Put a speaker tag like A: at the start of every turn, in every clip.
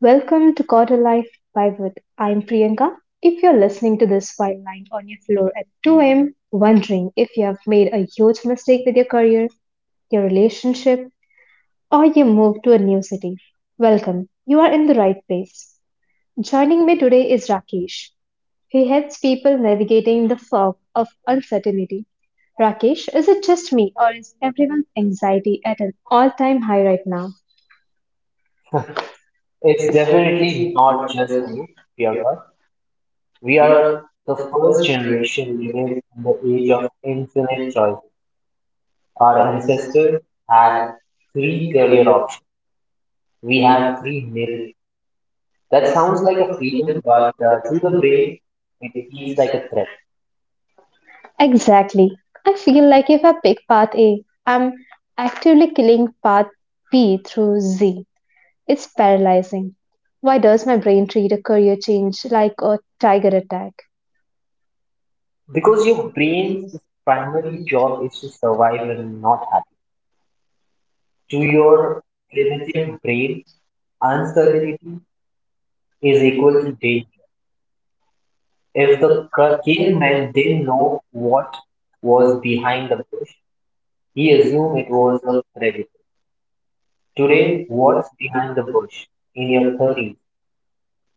A: Welcome to Quarter Life Pivot. I'm Priyanka. If you're listening to this while lying on your floor at 2 a.m., wondering if you have made a huge mistake with your career, your relationship, or you moved to a new city, welcome. You are in the right place. Joining me today is Rakesh. He helps people navigating the fog of uncertainty. Rakesh, is it just me or is everyone's anxiety at an all time high right now?
B: It's definitely not just you, Priyanka. We are the first generation living in the age of infinite choice. Our ancestors had three career options. We have 3 million. That sounds like a freedom, but to the brain, it feels like a threat.
A: Exactly. I feel like if I pick path A, I'm actively killing path B through Z. It's paralyzing. Why does my brain treat a career change like a tiger attack?
B: Because your brain's primary job is to survive and not happy. To your primitive brain, uncertainty is equal to danger. If the caveman didn't know what was behind the bush, he assumed it was a predator. Today, what's behind the bush in your 30s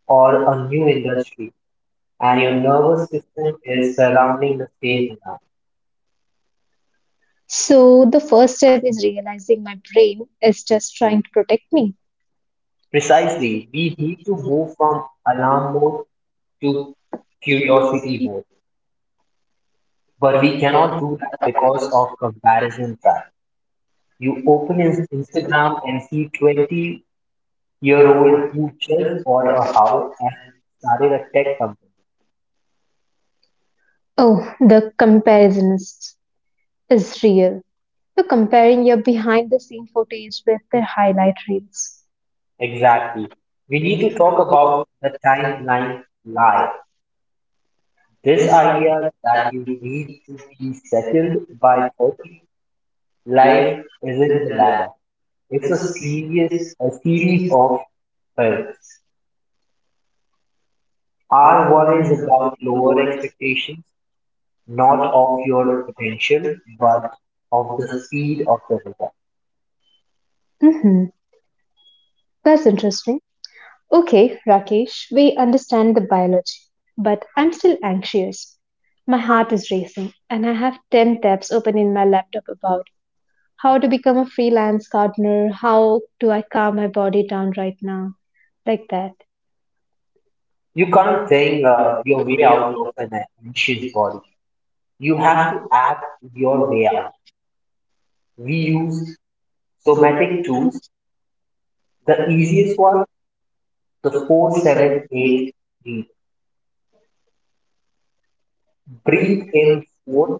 B: or a new industry and your nervous system is surrounding the same now?
A: So, the first step is realizing my brain is just trying to protect me.
B: Precisely, we need to move from alarm mode to curiosity mode. But we cannot do that because of comparison trap. You open Instagram and see 20-year-old who just bought a house and started a tech company.
A: Oh, the comparisonist is real. You're comparing your behind the scene footage with their highlight reels.
B: Exactly. We need to talk about the timeline lie. This idea that you need to be settled by 30, life isn't a ladder. It's a serious, a series of Well, R1 is about lower expectations, not of your potential, but of the speed of the result.
A: hmm That's interesting. Okay, Rakesh, we understand the biology, but I'm still anxious. My heart is racing, and I have 10 tabs open in my laptop about how to become a freelance gardener, how do I calm my body down right now, like that.
B: You can't think your way out of an anxious body. You have to act your way out. We use somatic tools. The easiest one, the 4-7-8 breathe. Breathe in 4,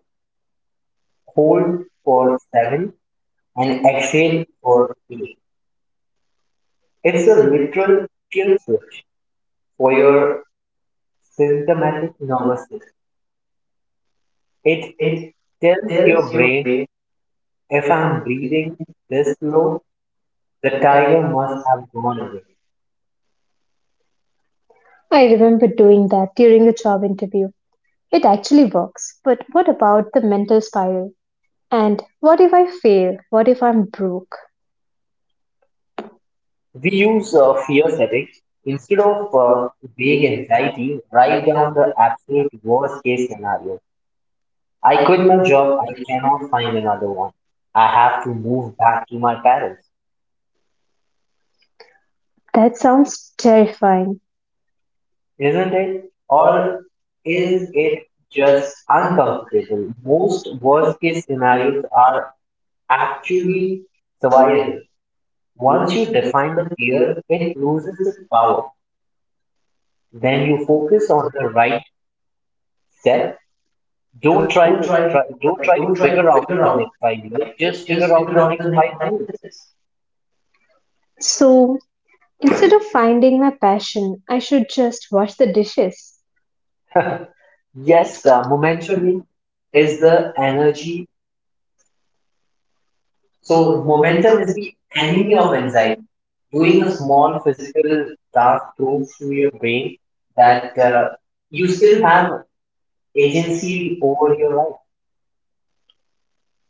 B: hold for 7, and exhale for 8. It's a literal kill switch for your symptomatic nervous system. It tells your brain if I'm breathing this slow, the tiger must have gone away.
A: I remember doing that during a job interview. It actually works, but what about the mental spiral? And what if I fail? What if I'm broke?
B: We use fear setting instead of vague anxiety. Write down the absolute worst case scenario. I quit my job. I cannot find another one. I have to move back to my parents.
A: That sounds terrifying.
B: Isn't it? Or is it just uncomfortable? Most worst case scenarios are actually survivable. Once you define the fear, it loses its power. Then you focus on the right step. Don't try to figure out the next 5 years. Just figure out the next 5 minutes.
A: So, instead of finding my passion, I should just wash the dishes.
B: Yes, the momentum is the energy. So momentum is the enemy of anxiety. Doing a small physical task proves to your brain that you still have agency over your life.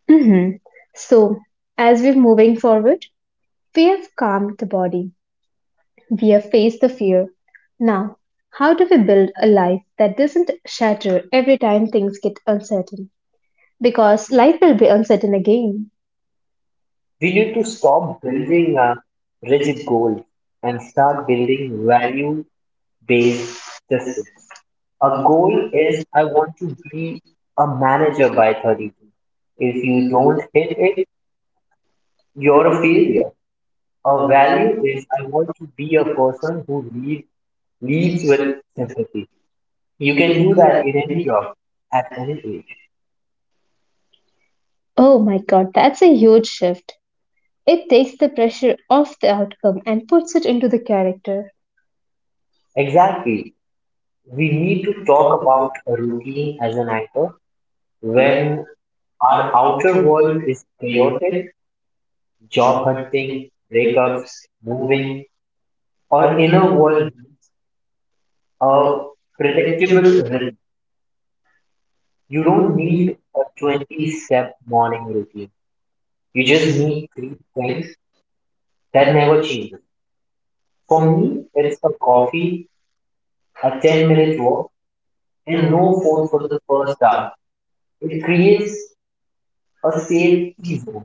A: hmm So, as we're moving forward, we have calmed the body, we have faced the fear. Now, how do we build a life that doesn't shatter every time things get uncertain? Because life will be uncertain again.
B: We need to stop building rigid goals and start building value-based systems. A goal is I want to be a manager by 32. If you don't hit it, you're a failure. A value is I want to be a person who leads with sympathy. You can do that in any job at any age.
A: Oh my god, that's a huge shift. It takes the pressure off the outcome and puts it into the character.
B: Exactly. We need to talk about a routine as an anchor when our outer world is chaotic, job hunting, breakups, moving, our inner world, a predictable rhythm. You don't need a 20 step morning routine. You just need three things that never changes. For me, it's a coffee, a 10-minute walk, and no phone for the first hour. It creates a safety zone.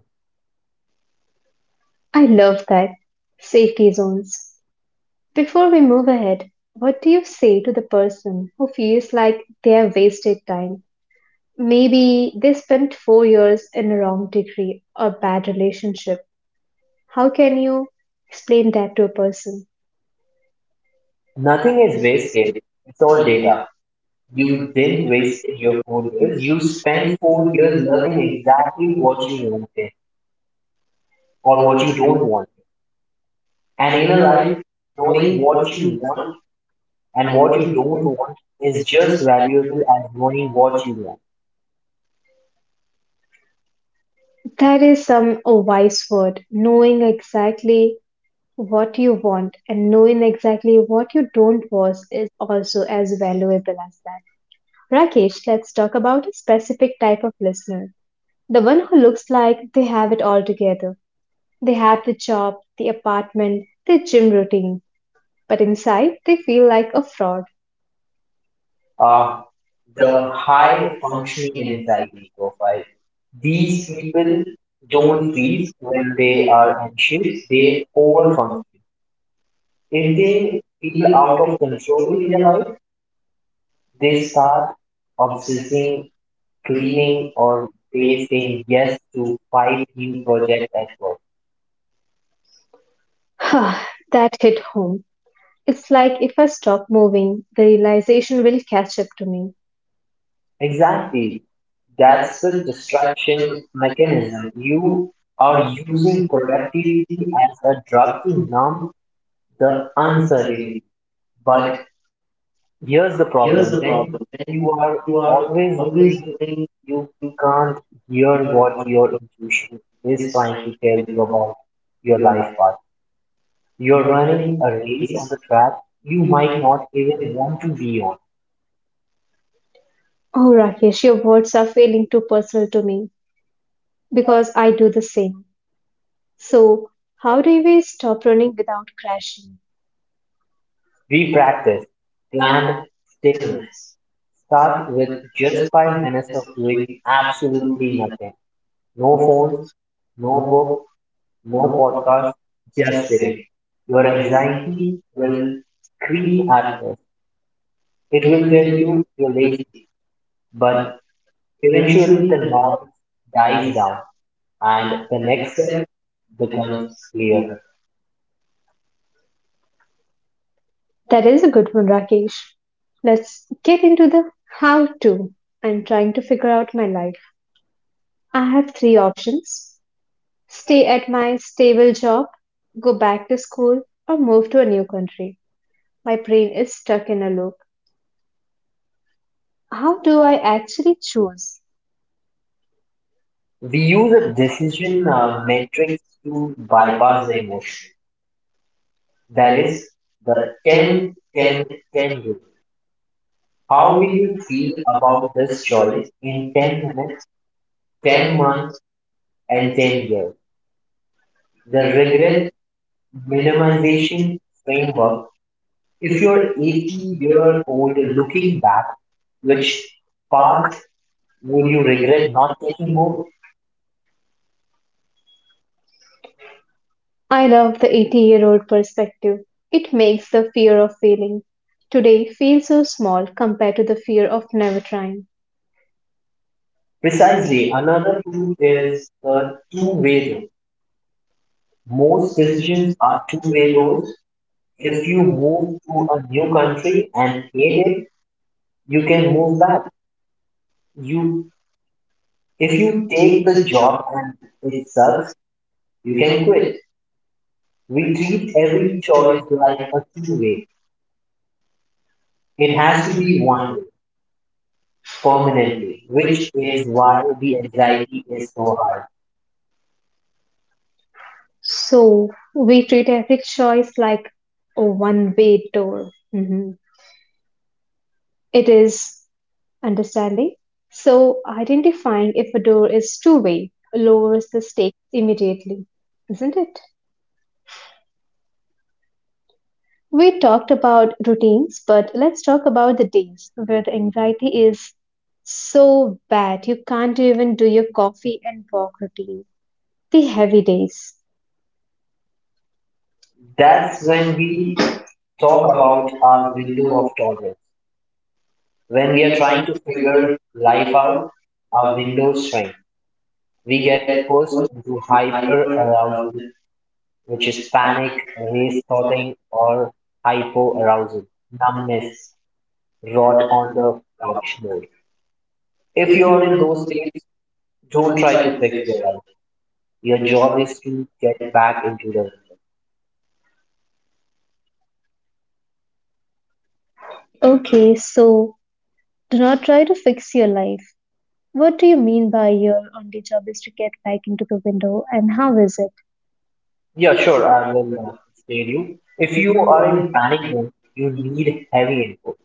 A: I love that. Safety zones. Before we move ahead, what do you say to the person who feels like they have wasted time? Maybe they spent 4 years in a wrong degree or bad relationship. How can you explain that to a person?
B: Nothing is wasted. It's all data. You didn't waste your 4 years. You spent 4 years learning exactly what you wanted or what you don't want. And in a life, knowing what you want and what you don't want is just valuable as knowing what you want.
A: That is some a wise word, knowing exactly what you want and knowing exactly what you don't want is also as valuable as that. Rakesh, let's talk about a specific type of listener. The one who looks like they have it all together. They have the job, the apartment, their gym routine, but inside they feel like a fraud.
B: Uh, the high functioning anxiety profile. These people don't freeze when they are anxious, they overfunction. If they feel out of control in their life, they start obsessing, cleaning, or they saying yes to five new projects at work.
A: That hit home. It's like if I stop moving, the realization will catch up to me.
B: Exactly. That's the distraction mechanism. You are using productivity as a drug to numb the uncertainty. But here's the problem. When you are always doing, you can't hear what your intuition is trying to tell you about your life path. You're running a race on the track you might not even want to be on.
A: Oh, Rakesh, your words are feeling too personal to me because I do the same. So, how do we stop running without crashing?
B: We practice planned statements. Start with just 5 minutes of doing absolutely nothing. No phones, no book, no podcast, just sitting. Your anxiety will scream at first. It will tell you you're lazy, but eventually the noise dies down and the next step becomes clearer.
A: That is a good one, Rakesh. Let's get into the how to. I'm trying to figure out my life. I have three options. Stay at my stable job, go back to school, or move to a new country. My brain is stuck in a loop. How do I actually choose?
B: We use a decision matrix to bypass the emotion. That is the 10 10 10 rule. How will you feel about this choice in 10 minutes, 10 months, and 10 years? The regret minimization framework. If you're 80-year-old looking back, which path would you regret not taking more?
A: I love the 80-year-old perspective. It makes the fear of failing today feel so small compared to the fear of never trying.
B: Precisely. Another tool is the two-way road. Most decisions are two-way roads. If you move to a new country and hate it, you can move back. You If you take the job and it sucks, you can quit. We treat every choice like a two-way. It has to be one way, permanently, which is why the anxiety is so high.
A: So we treat every choice like a one way door. Mhm. It is understanding? So, identifying if a door is two-way lowers the stakes immediately, isn't it? We talked about routines, but let's talk about the days where the anxiety is so bad you can't even do your coffee and walk routine. The heavy days.
B: That's when we talk about our window of tolerance. When we are trying to figure life out, our window shrinks. We get pushed into hyper arousal, which is panic, race thoughting, or hypo arousal, numbness, rot on the couch mode. If you're in those states, don't try to fix your life. Your job is to get back into the window.
A: Okay, so do not try to fix your life. What do you mean by your only job is to get back into the window, and how is it?
B: Yeah, sure, I will explain you. If you are in panic mode, you need heavy input.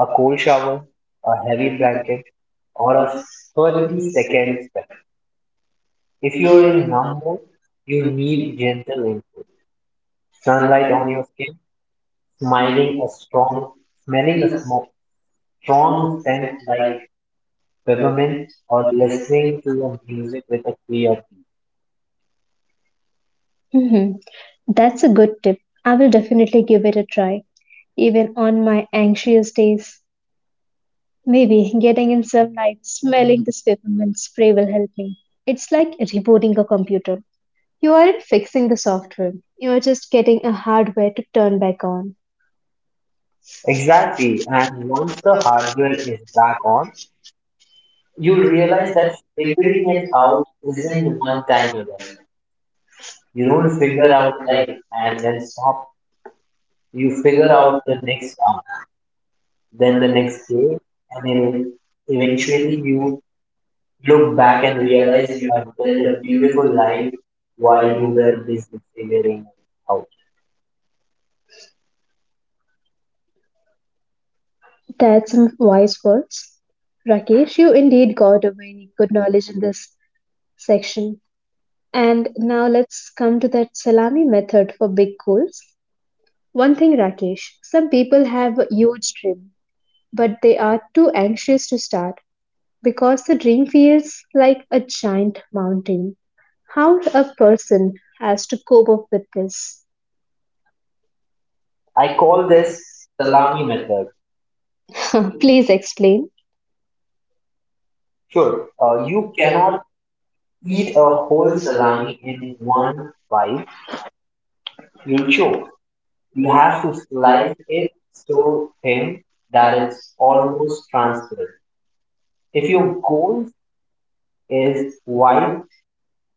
B: A cold shower, a heavy blanket, or a 30-second spell. If you are in numb mode, you need gentle input. Sunlight on your skin, smiling a strong, smelling a smoke, strong scent like peppermint or listening to your music with a clear key.
A: hmm That's a good tip. I will definitely give it a try, even on my anxious days. Maybe getting in sunlight, smelling this peppermint spray will help me. It's like rebooting a computer. You aren't fixing the software, you are just getting a hardware to turn back on.
B: Exactly. And once the hardware is back on, you'll realize that figuring it out isn't one time event. You don't figure out X and then stop. You figure out the next hour, then the next day, and then eventually you look back and realize you have built a beautiful life while you were busy figuring it out.
A: That's some wise words. Rakesh, you indeed got a very good knowledge in this section. And now let's come to that salami method for big goals. One thing, Rakesh, some people have a huge dream, but they are too anxious to start. Because the dream feels like a giant mountain. How a person has to cope up with this?
B: I call this salami method.
A: Please explain.
B: Sure, you cannot eat a whole salami in one bite. You'll choke. You have to slice it so thin that it's almost transparent. If your goal is wide,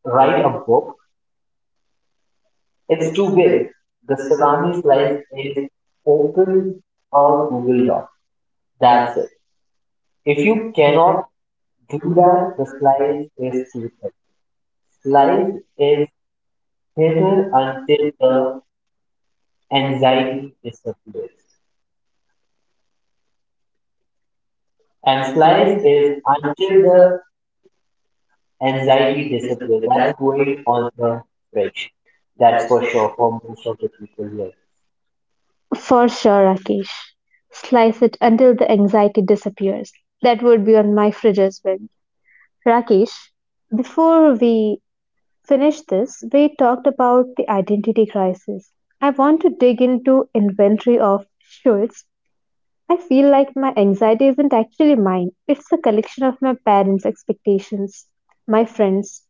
B: write a book, it's too big. The salami slice is open a Google Doc. That's it. If you cannot do that, the slice is too thin. Slice is thinner until the anxiety disappears. And slice is until the anxiety disappears. That's going on the fridge. That's for sure for most of the people here.
A: For sure, Rakesh. Slice it until the anxiety disappears. That would be on my fridge as well. Rakesh, before we finish this, we talked about the identity crisis. I want to dig into inventory of Schultz. I feel like my anxiety isn't actually mine, it's a collection of my parents' expectations, my friends,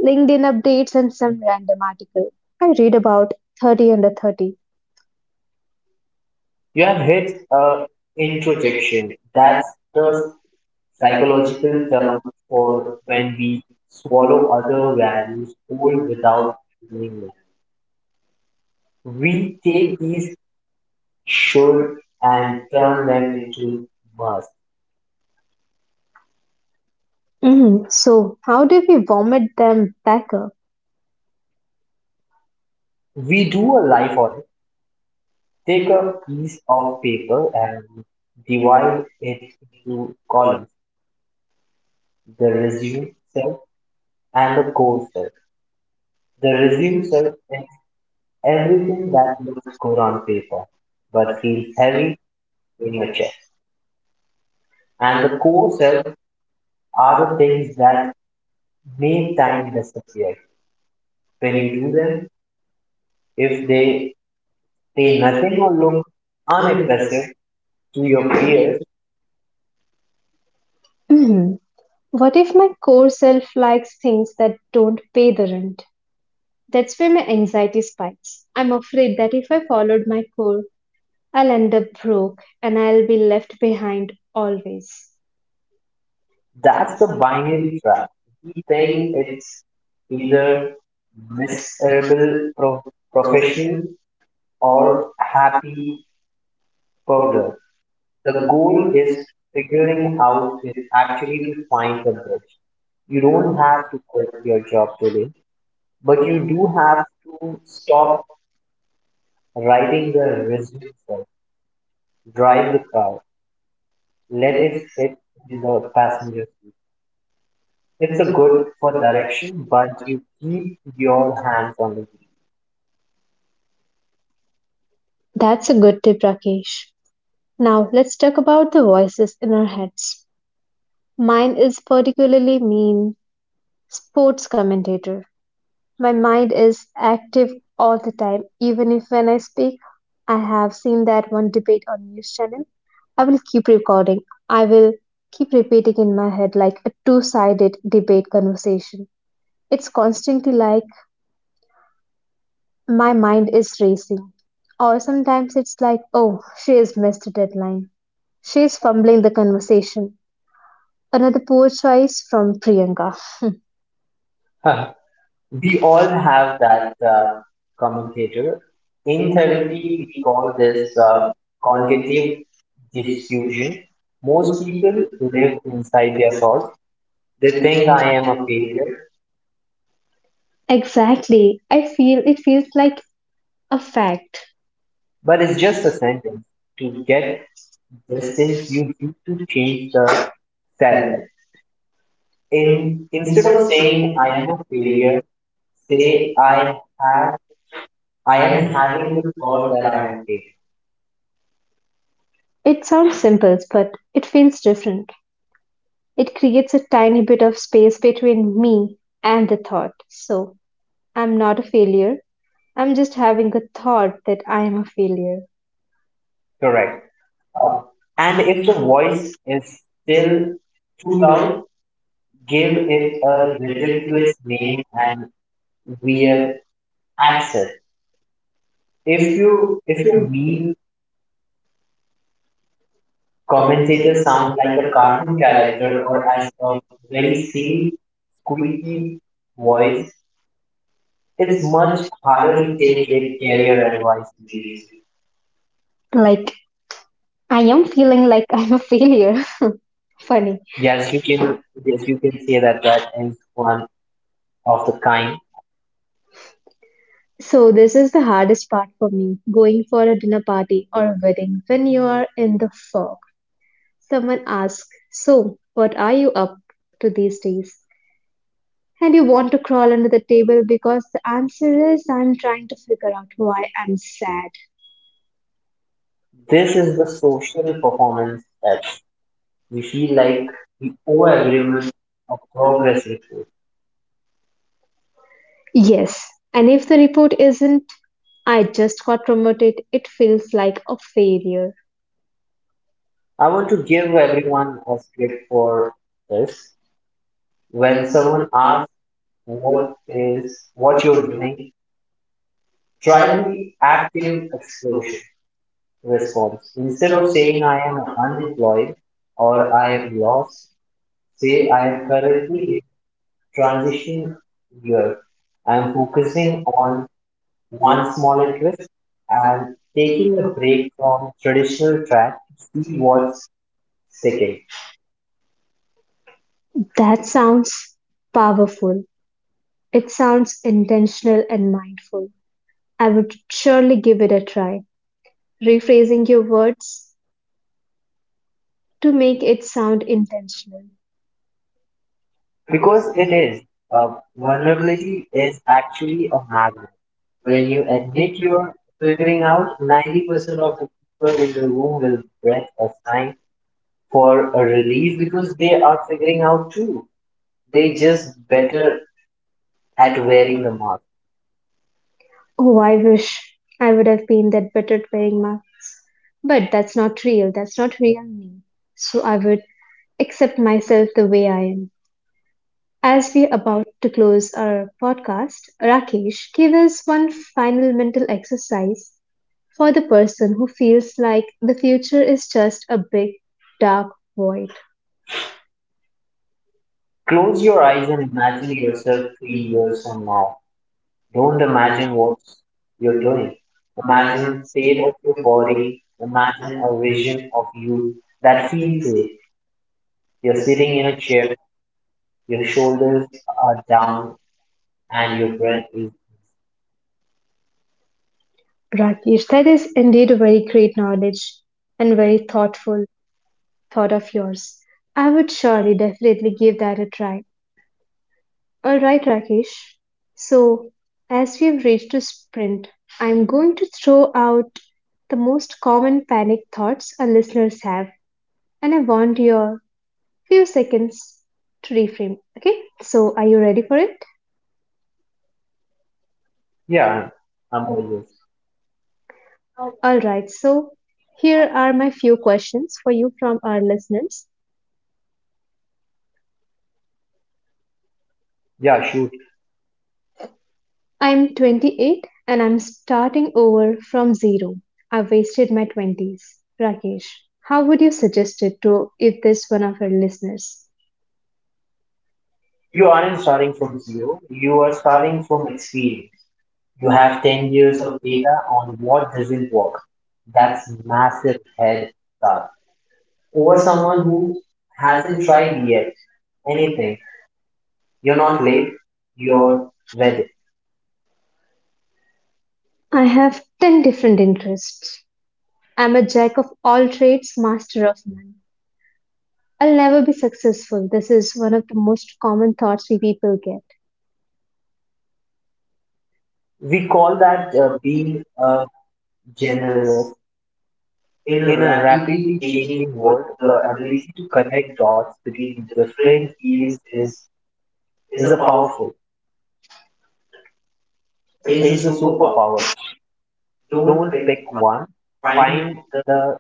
A: LinkedIn updates, and some random article I read about 30 under 30.
B: You have hit introjection. That's the psychological term for when we swallow other values whole without feeling it. We take these should and turn them into must.
A: Mhm. So, how do we vomit them back up?
B: We do a life audit. Take a piece of paper and divide it into columns, the resume cell and the core cell. The resume cell is everything that looks good on paper but feels heavy in your chest. And the core cell are the things that make time disappear. When you do them, if they say nothing or look unimpressive to your peers,
A: Mhm. What if my core self likes things that don't pay the rent? That's where my anxiety spikes. I'm afraid that if I followed my core, I'll end up broke and I'll be left behind always.
B: that's the binary trap. You think it's either miserable profession or happy burger. The goal is figuring out is actually to find the bridge. You don't have to quit your job today, but you do have to stop writing the resume self, drive the car, let it sit in the passenger seat. It's a good for direction, but you keep your hands on the
A: That's a good tip, Rakesh. Now let's talk about the voices in our heads. Mine is particularly mean sports commentator. My mind is active all the time, even if when I speak, I have seen that one debate on news channel. I will keep recording. I will keep repeating in my head like a two-sided debate conversation. It's constantly like my mind is racing. Or sometimes it's like, oh, she has missed the deadline. She's fumbling the conversation. Another poor choice from Priyanka.
B: wheel. We all have that commentator. In therapy, we call this cognitive diffusion. Most people live inside their thoughts. They think I am a failure,
A: Exactly. I feel it feels like a fact.
B: but it's just a sentence. To get distance, you need to change the sentence. In Instead of saying I am a failure, say I am having the thought that I am a failure.
A: It sounds simple, but it feels different. It creates a tiny bit of space between me and the thought. So, I'm not a failure. I'm just having a thought that I am a failure.
B: Correct. And if the voice is still too loud, give it a ridiculous name and weird accent. If your mean commentator sound like a cartoon character or as a very silly, squeaky voice, it's much harder to take it career advice seriously.
A: Like, I am feeling like I'm a failure. Funny.
B: Yes, you can yes, you can say that that is one of the kind.
A: So, this is the hardest part for me, going for a dinner party or a wedding when you are in the fog. Someone asks, so, what are you up to these days? And you want to crawl under the table because the answer is, I'm trying to figure out why I'm sad.
B: This is the social performance that. We feel like we owe everyone a progress report.
A: Yes, and if the report isn't I just got promoted, it feels like a failure.
B: I want to give everyone a script for this. When someone asks what is what you're doing, try the active exploration response. Instead of saying I am unemployed or I am lost, say I am currently in transition year. I am focusing on one small interest and taking a break from traditional track to see what's sticking.
A: That sounds powerful. It sounds intentional and mindful. I would surely give it a try, rephrasing your words to make it sound intentional.
B: Because it is, Vulnerability is actually a magnet. When you admit you're figuring out, 90% of the people in the room will breath a sigh for a release because they are figuring out too. They just better at wearing the mask.
A: Oh, I wish I would have been that better at wearing masks. But that's not real. That's not real me. So I would accept myself the way I am. As we are about to close our podcast, Rakesh, give us one final mental exercise for the person who feels like the future is just a big, dark void.
B: Close your eyes and imagine yourself 3 years from now. Don't imagine what you're doing. Imagine the state of your body. Imagine a vision of you that feels safe. You're sitting in a chair, your shoulders are down, and your breath is,
A: Rakesh, that is indeed a very great knowledge and very thoughtful thought of yours. I would surely definitely give that a try. All right, Rakesh. So, as we've reached a sprint, I'm going to throw out the most common panic thoughts our listeners have, and I want your few seconds to reframe. Okay, so are you ready for it?
B: yeah, I'm always,
A: All right, so here are my few questions for you from our listeners.
B: yeah, shoot.
A: I'm 28 and I'm starting over from zero. I wasted my 20s. Rakesh, how would you suggest it to if this one of our listeners?
B: You aren't starting from zero, you are starting from experience. You have 10 years of data on what doesn't work. That's massive head start. Over someone who hasn't tried yet anything. You're not late, you're ready.
A: I have ten different interests. I'm a jack of all trades, master of none. I'll never be successful. This is one of the most common thoughts we people get.
B: We call that being generous. In a rapidly changing world, the ability to connect dots between different fields is is a superpower. Don't pick one, find the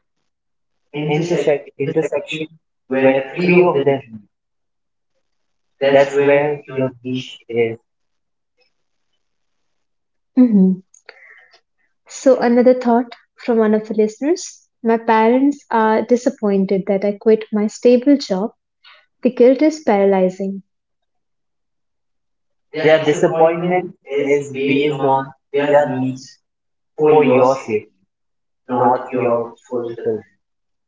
B: intersection where three of them meet. That's where your niche is.
A: Mhm. So, another thought from one of the listeners. My parents are disappointed that I quit my stable job. The guilt is paralyzing.
B: Their disappointment is based on their needs for your sake, not your fulfillment.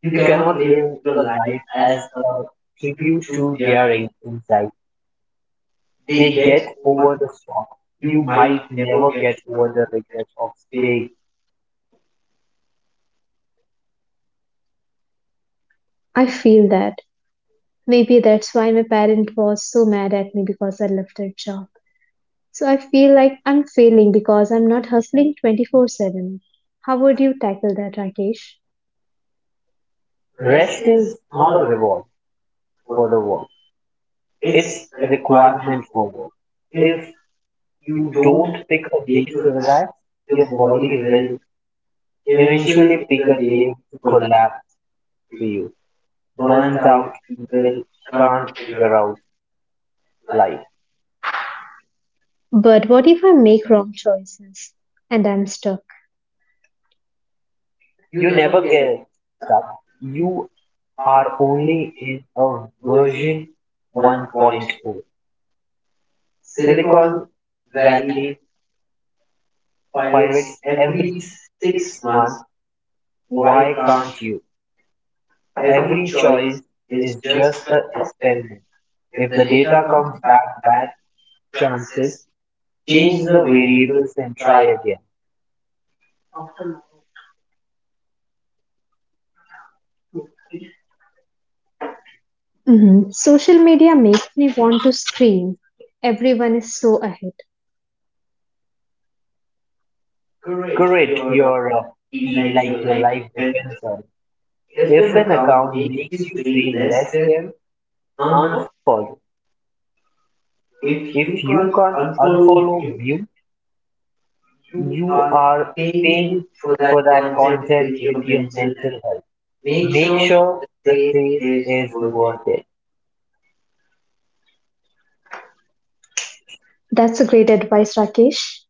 B: You cannot live your life as a tribute to their insight. They get over the shock. You might never get over the regret of staying.
A: I feel that. Maybe that's why my parent was so mad at me because I left their job. So I feel like I'm failing because I'm not hustling 24/7. How would you tackle that, Rakesh?
B: Rest is not a reward for the work. It's a requirement for work. If you don't pick a day to relax, your body will eventually pick a day to collapse for you. Burnt out people can't figure out life.
A: But what if I make wrong choices and I'm stuck?
B: You never guess that you are only in a version 1.0. Point oh. Silicon Valley pirates every 6 months. Why can't you? Every choice is just an experiment. If the data comes back bad, chances change the variables and try again.
A: Mhm. Social media makes me want to scream. Everyone is so ahead.
B: Curate your feed like your life depends on it. If an account makes you feel less than, unfollow. If you can't unfollow mute, you are paying for that content with your mental health. Make sure the sale is worth it.
A: That's a great advice, Rakesh.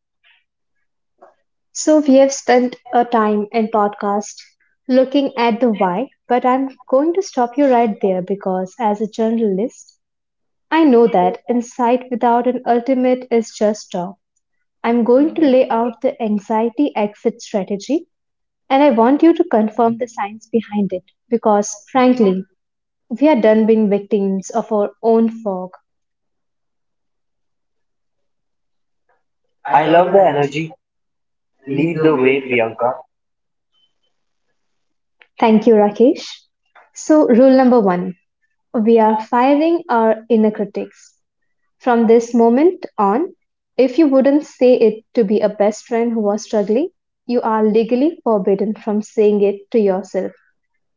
A: So we have spent a time in podcast looking at the why, but I'm going to stop you right there because as a journalist, I know that insight without an ultimate is just talk. I'm going to lay out the anxiety exit strategy, and I want you to confirm the science behind it because, frankly, we are done being victims of our own fog.
B: I love the energy. Lead the way, Priyanka.
A: Thank you, Rakesh. So, rule number one, we are firing our inner critics. From this moment on, if you wouldn't say it to be a best friend who was struggling, you are legally forbidden from saying it to yourself.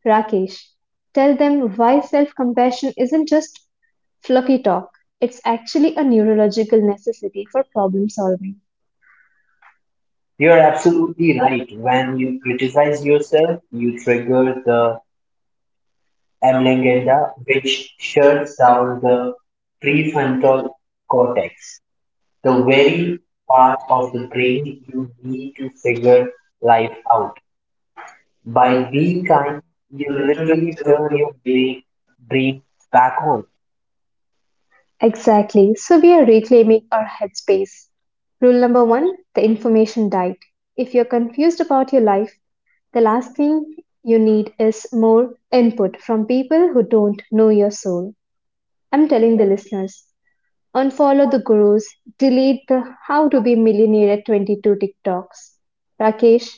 A: Rakesh, tell them why self-compassion isn't just fluffy talk. It's actually a neurological necessity for problem solving.
B: You're absolutely right. When you criticize yourself, you trigger the amygdala, which shuts down the prefrontal cortex, the very part of the brain you need to figure life out. By being kind, you literally turn your brain back on.
A: Exactly. So we are reclaiming our headspace. Rule number one, the information diet. If you're confused about your life, the last thing you need is more input from people who don't know your soul. I'm telling the listeners, unfollow the gurus, delete the How to Be Millionaire at 22 TikToks. Rakesh,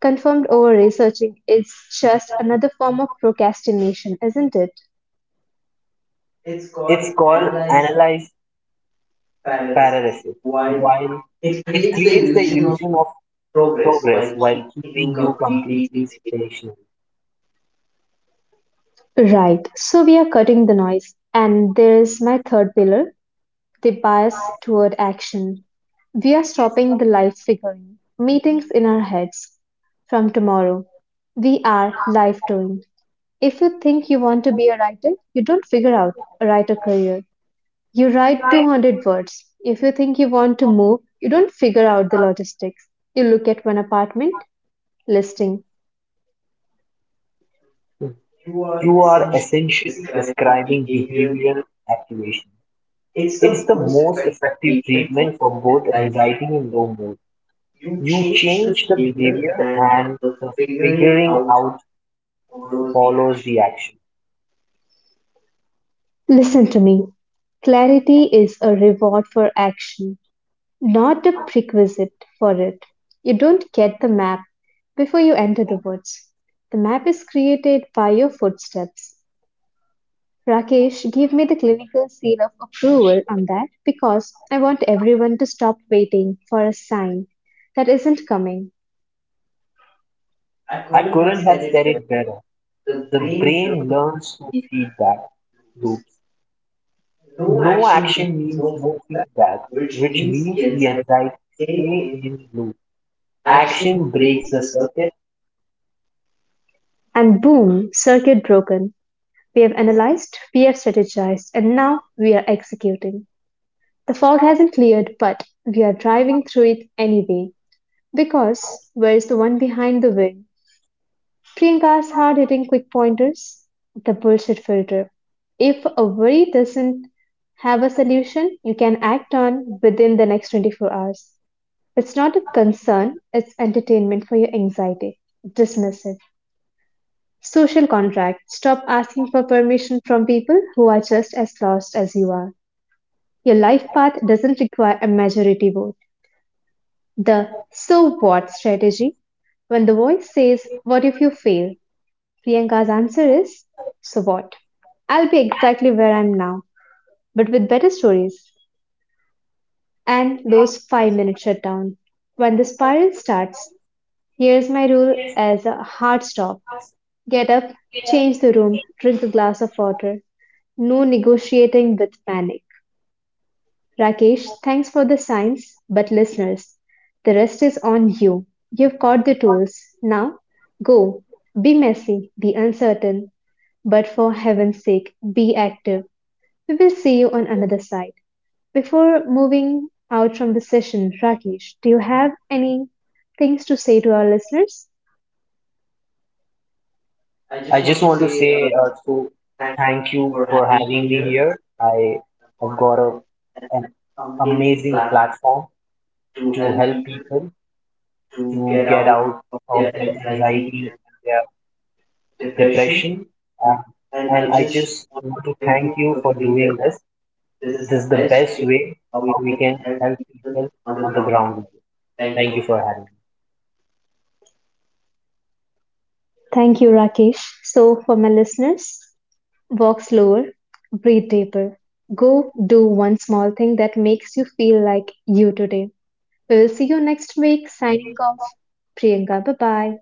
A: confirmed, over researching is just another form of procrastination, isn't it?
B: It's called analyze paralysis. While it creates the illusion of progress while keeping you completely stationary,
A: Right. So we are cutting the noise. And there is my third pillar, the bias toward action. We are stopping the life figuring meetings in our heads. From tomorrow, we are life doing. If you think you want to be a writer, you don't figure out a writer career. You write 200 words. If you think you want to move, you don't figure out the logistics. You look at one apartment listing.
B: you are essentially describing behavioral activation. It's the most effective treatment for both anxiety and low mood. You change the behavior, and the figuring out follows the action.
A: Listen to me. Clarity is a reward for action, not a prerequisite for it. You don't get the map before you enter the woods. The map is created by your footsteps. Rakesh, give me the clinical seal of approval on that because I want everyone to stop waiting for a sign that isn't coming.
B: I couldn't have said it better. The brain learns through feedback loops. No action means no feedback, which means the anxiety stay in loop. Action breaks the circuit.
A: And boom, circuit broken, we've analyzed, we've strategized, and now we're executing. The fog hasn't cleared, but we are driving through it anyway. Because where's the one behind the wing? Priyanka's hard hitting quick pointers, the bullshit filter. If a worry doesn't have a solution you can act on within the next 24 hours, it's not a concern, it's entertainment for your anxiety. Dismiss it. Social contract: stop asking for permission from people who are just as lost as you are. Your life path doesn't require a majority vote. The so what strategy. When the voice says, what if you fail? Priyanka's answer is, so what? I'll be exactly where I'm now, but with better stories. And those 5 minute shutdown. When the spiral starts, here's my rule as a hard stop. Get up, change the room, drink a glass of water. No negotiating with panic. Rakesh, thanks for the science, but listeners, the rest is on you. You've got the tools. Now, go. Be messy, be uncertain, but for heaven's sake, be active. We will see you on another side. Before moving out from the session, Rakesh, do you have any things to say to our listeners?
B: I just want to say so thank you for having me here. I have got an amazing platform to help people to get out of their anxiety and their depression. Uh, and I just want to thank you for doing this. This is the best way how we can help people on the ground. Thank you for having me.
A: Thank you, Rakesh. So, for my listeners, walk slower, breathe deeper. Go do one small thing that makes you feel like you today. We will see you next week. Signing off, Priyanka. Bye bye.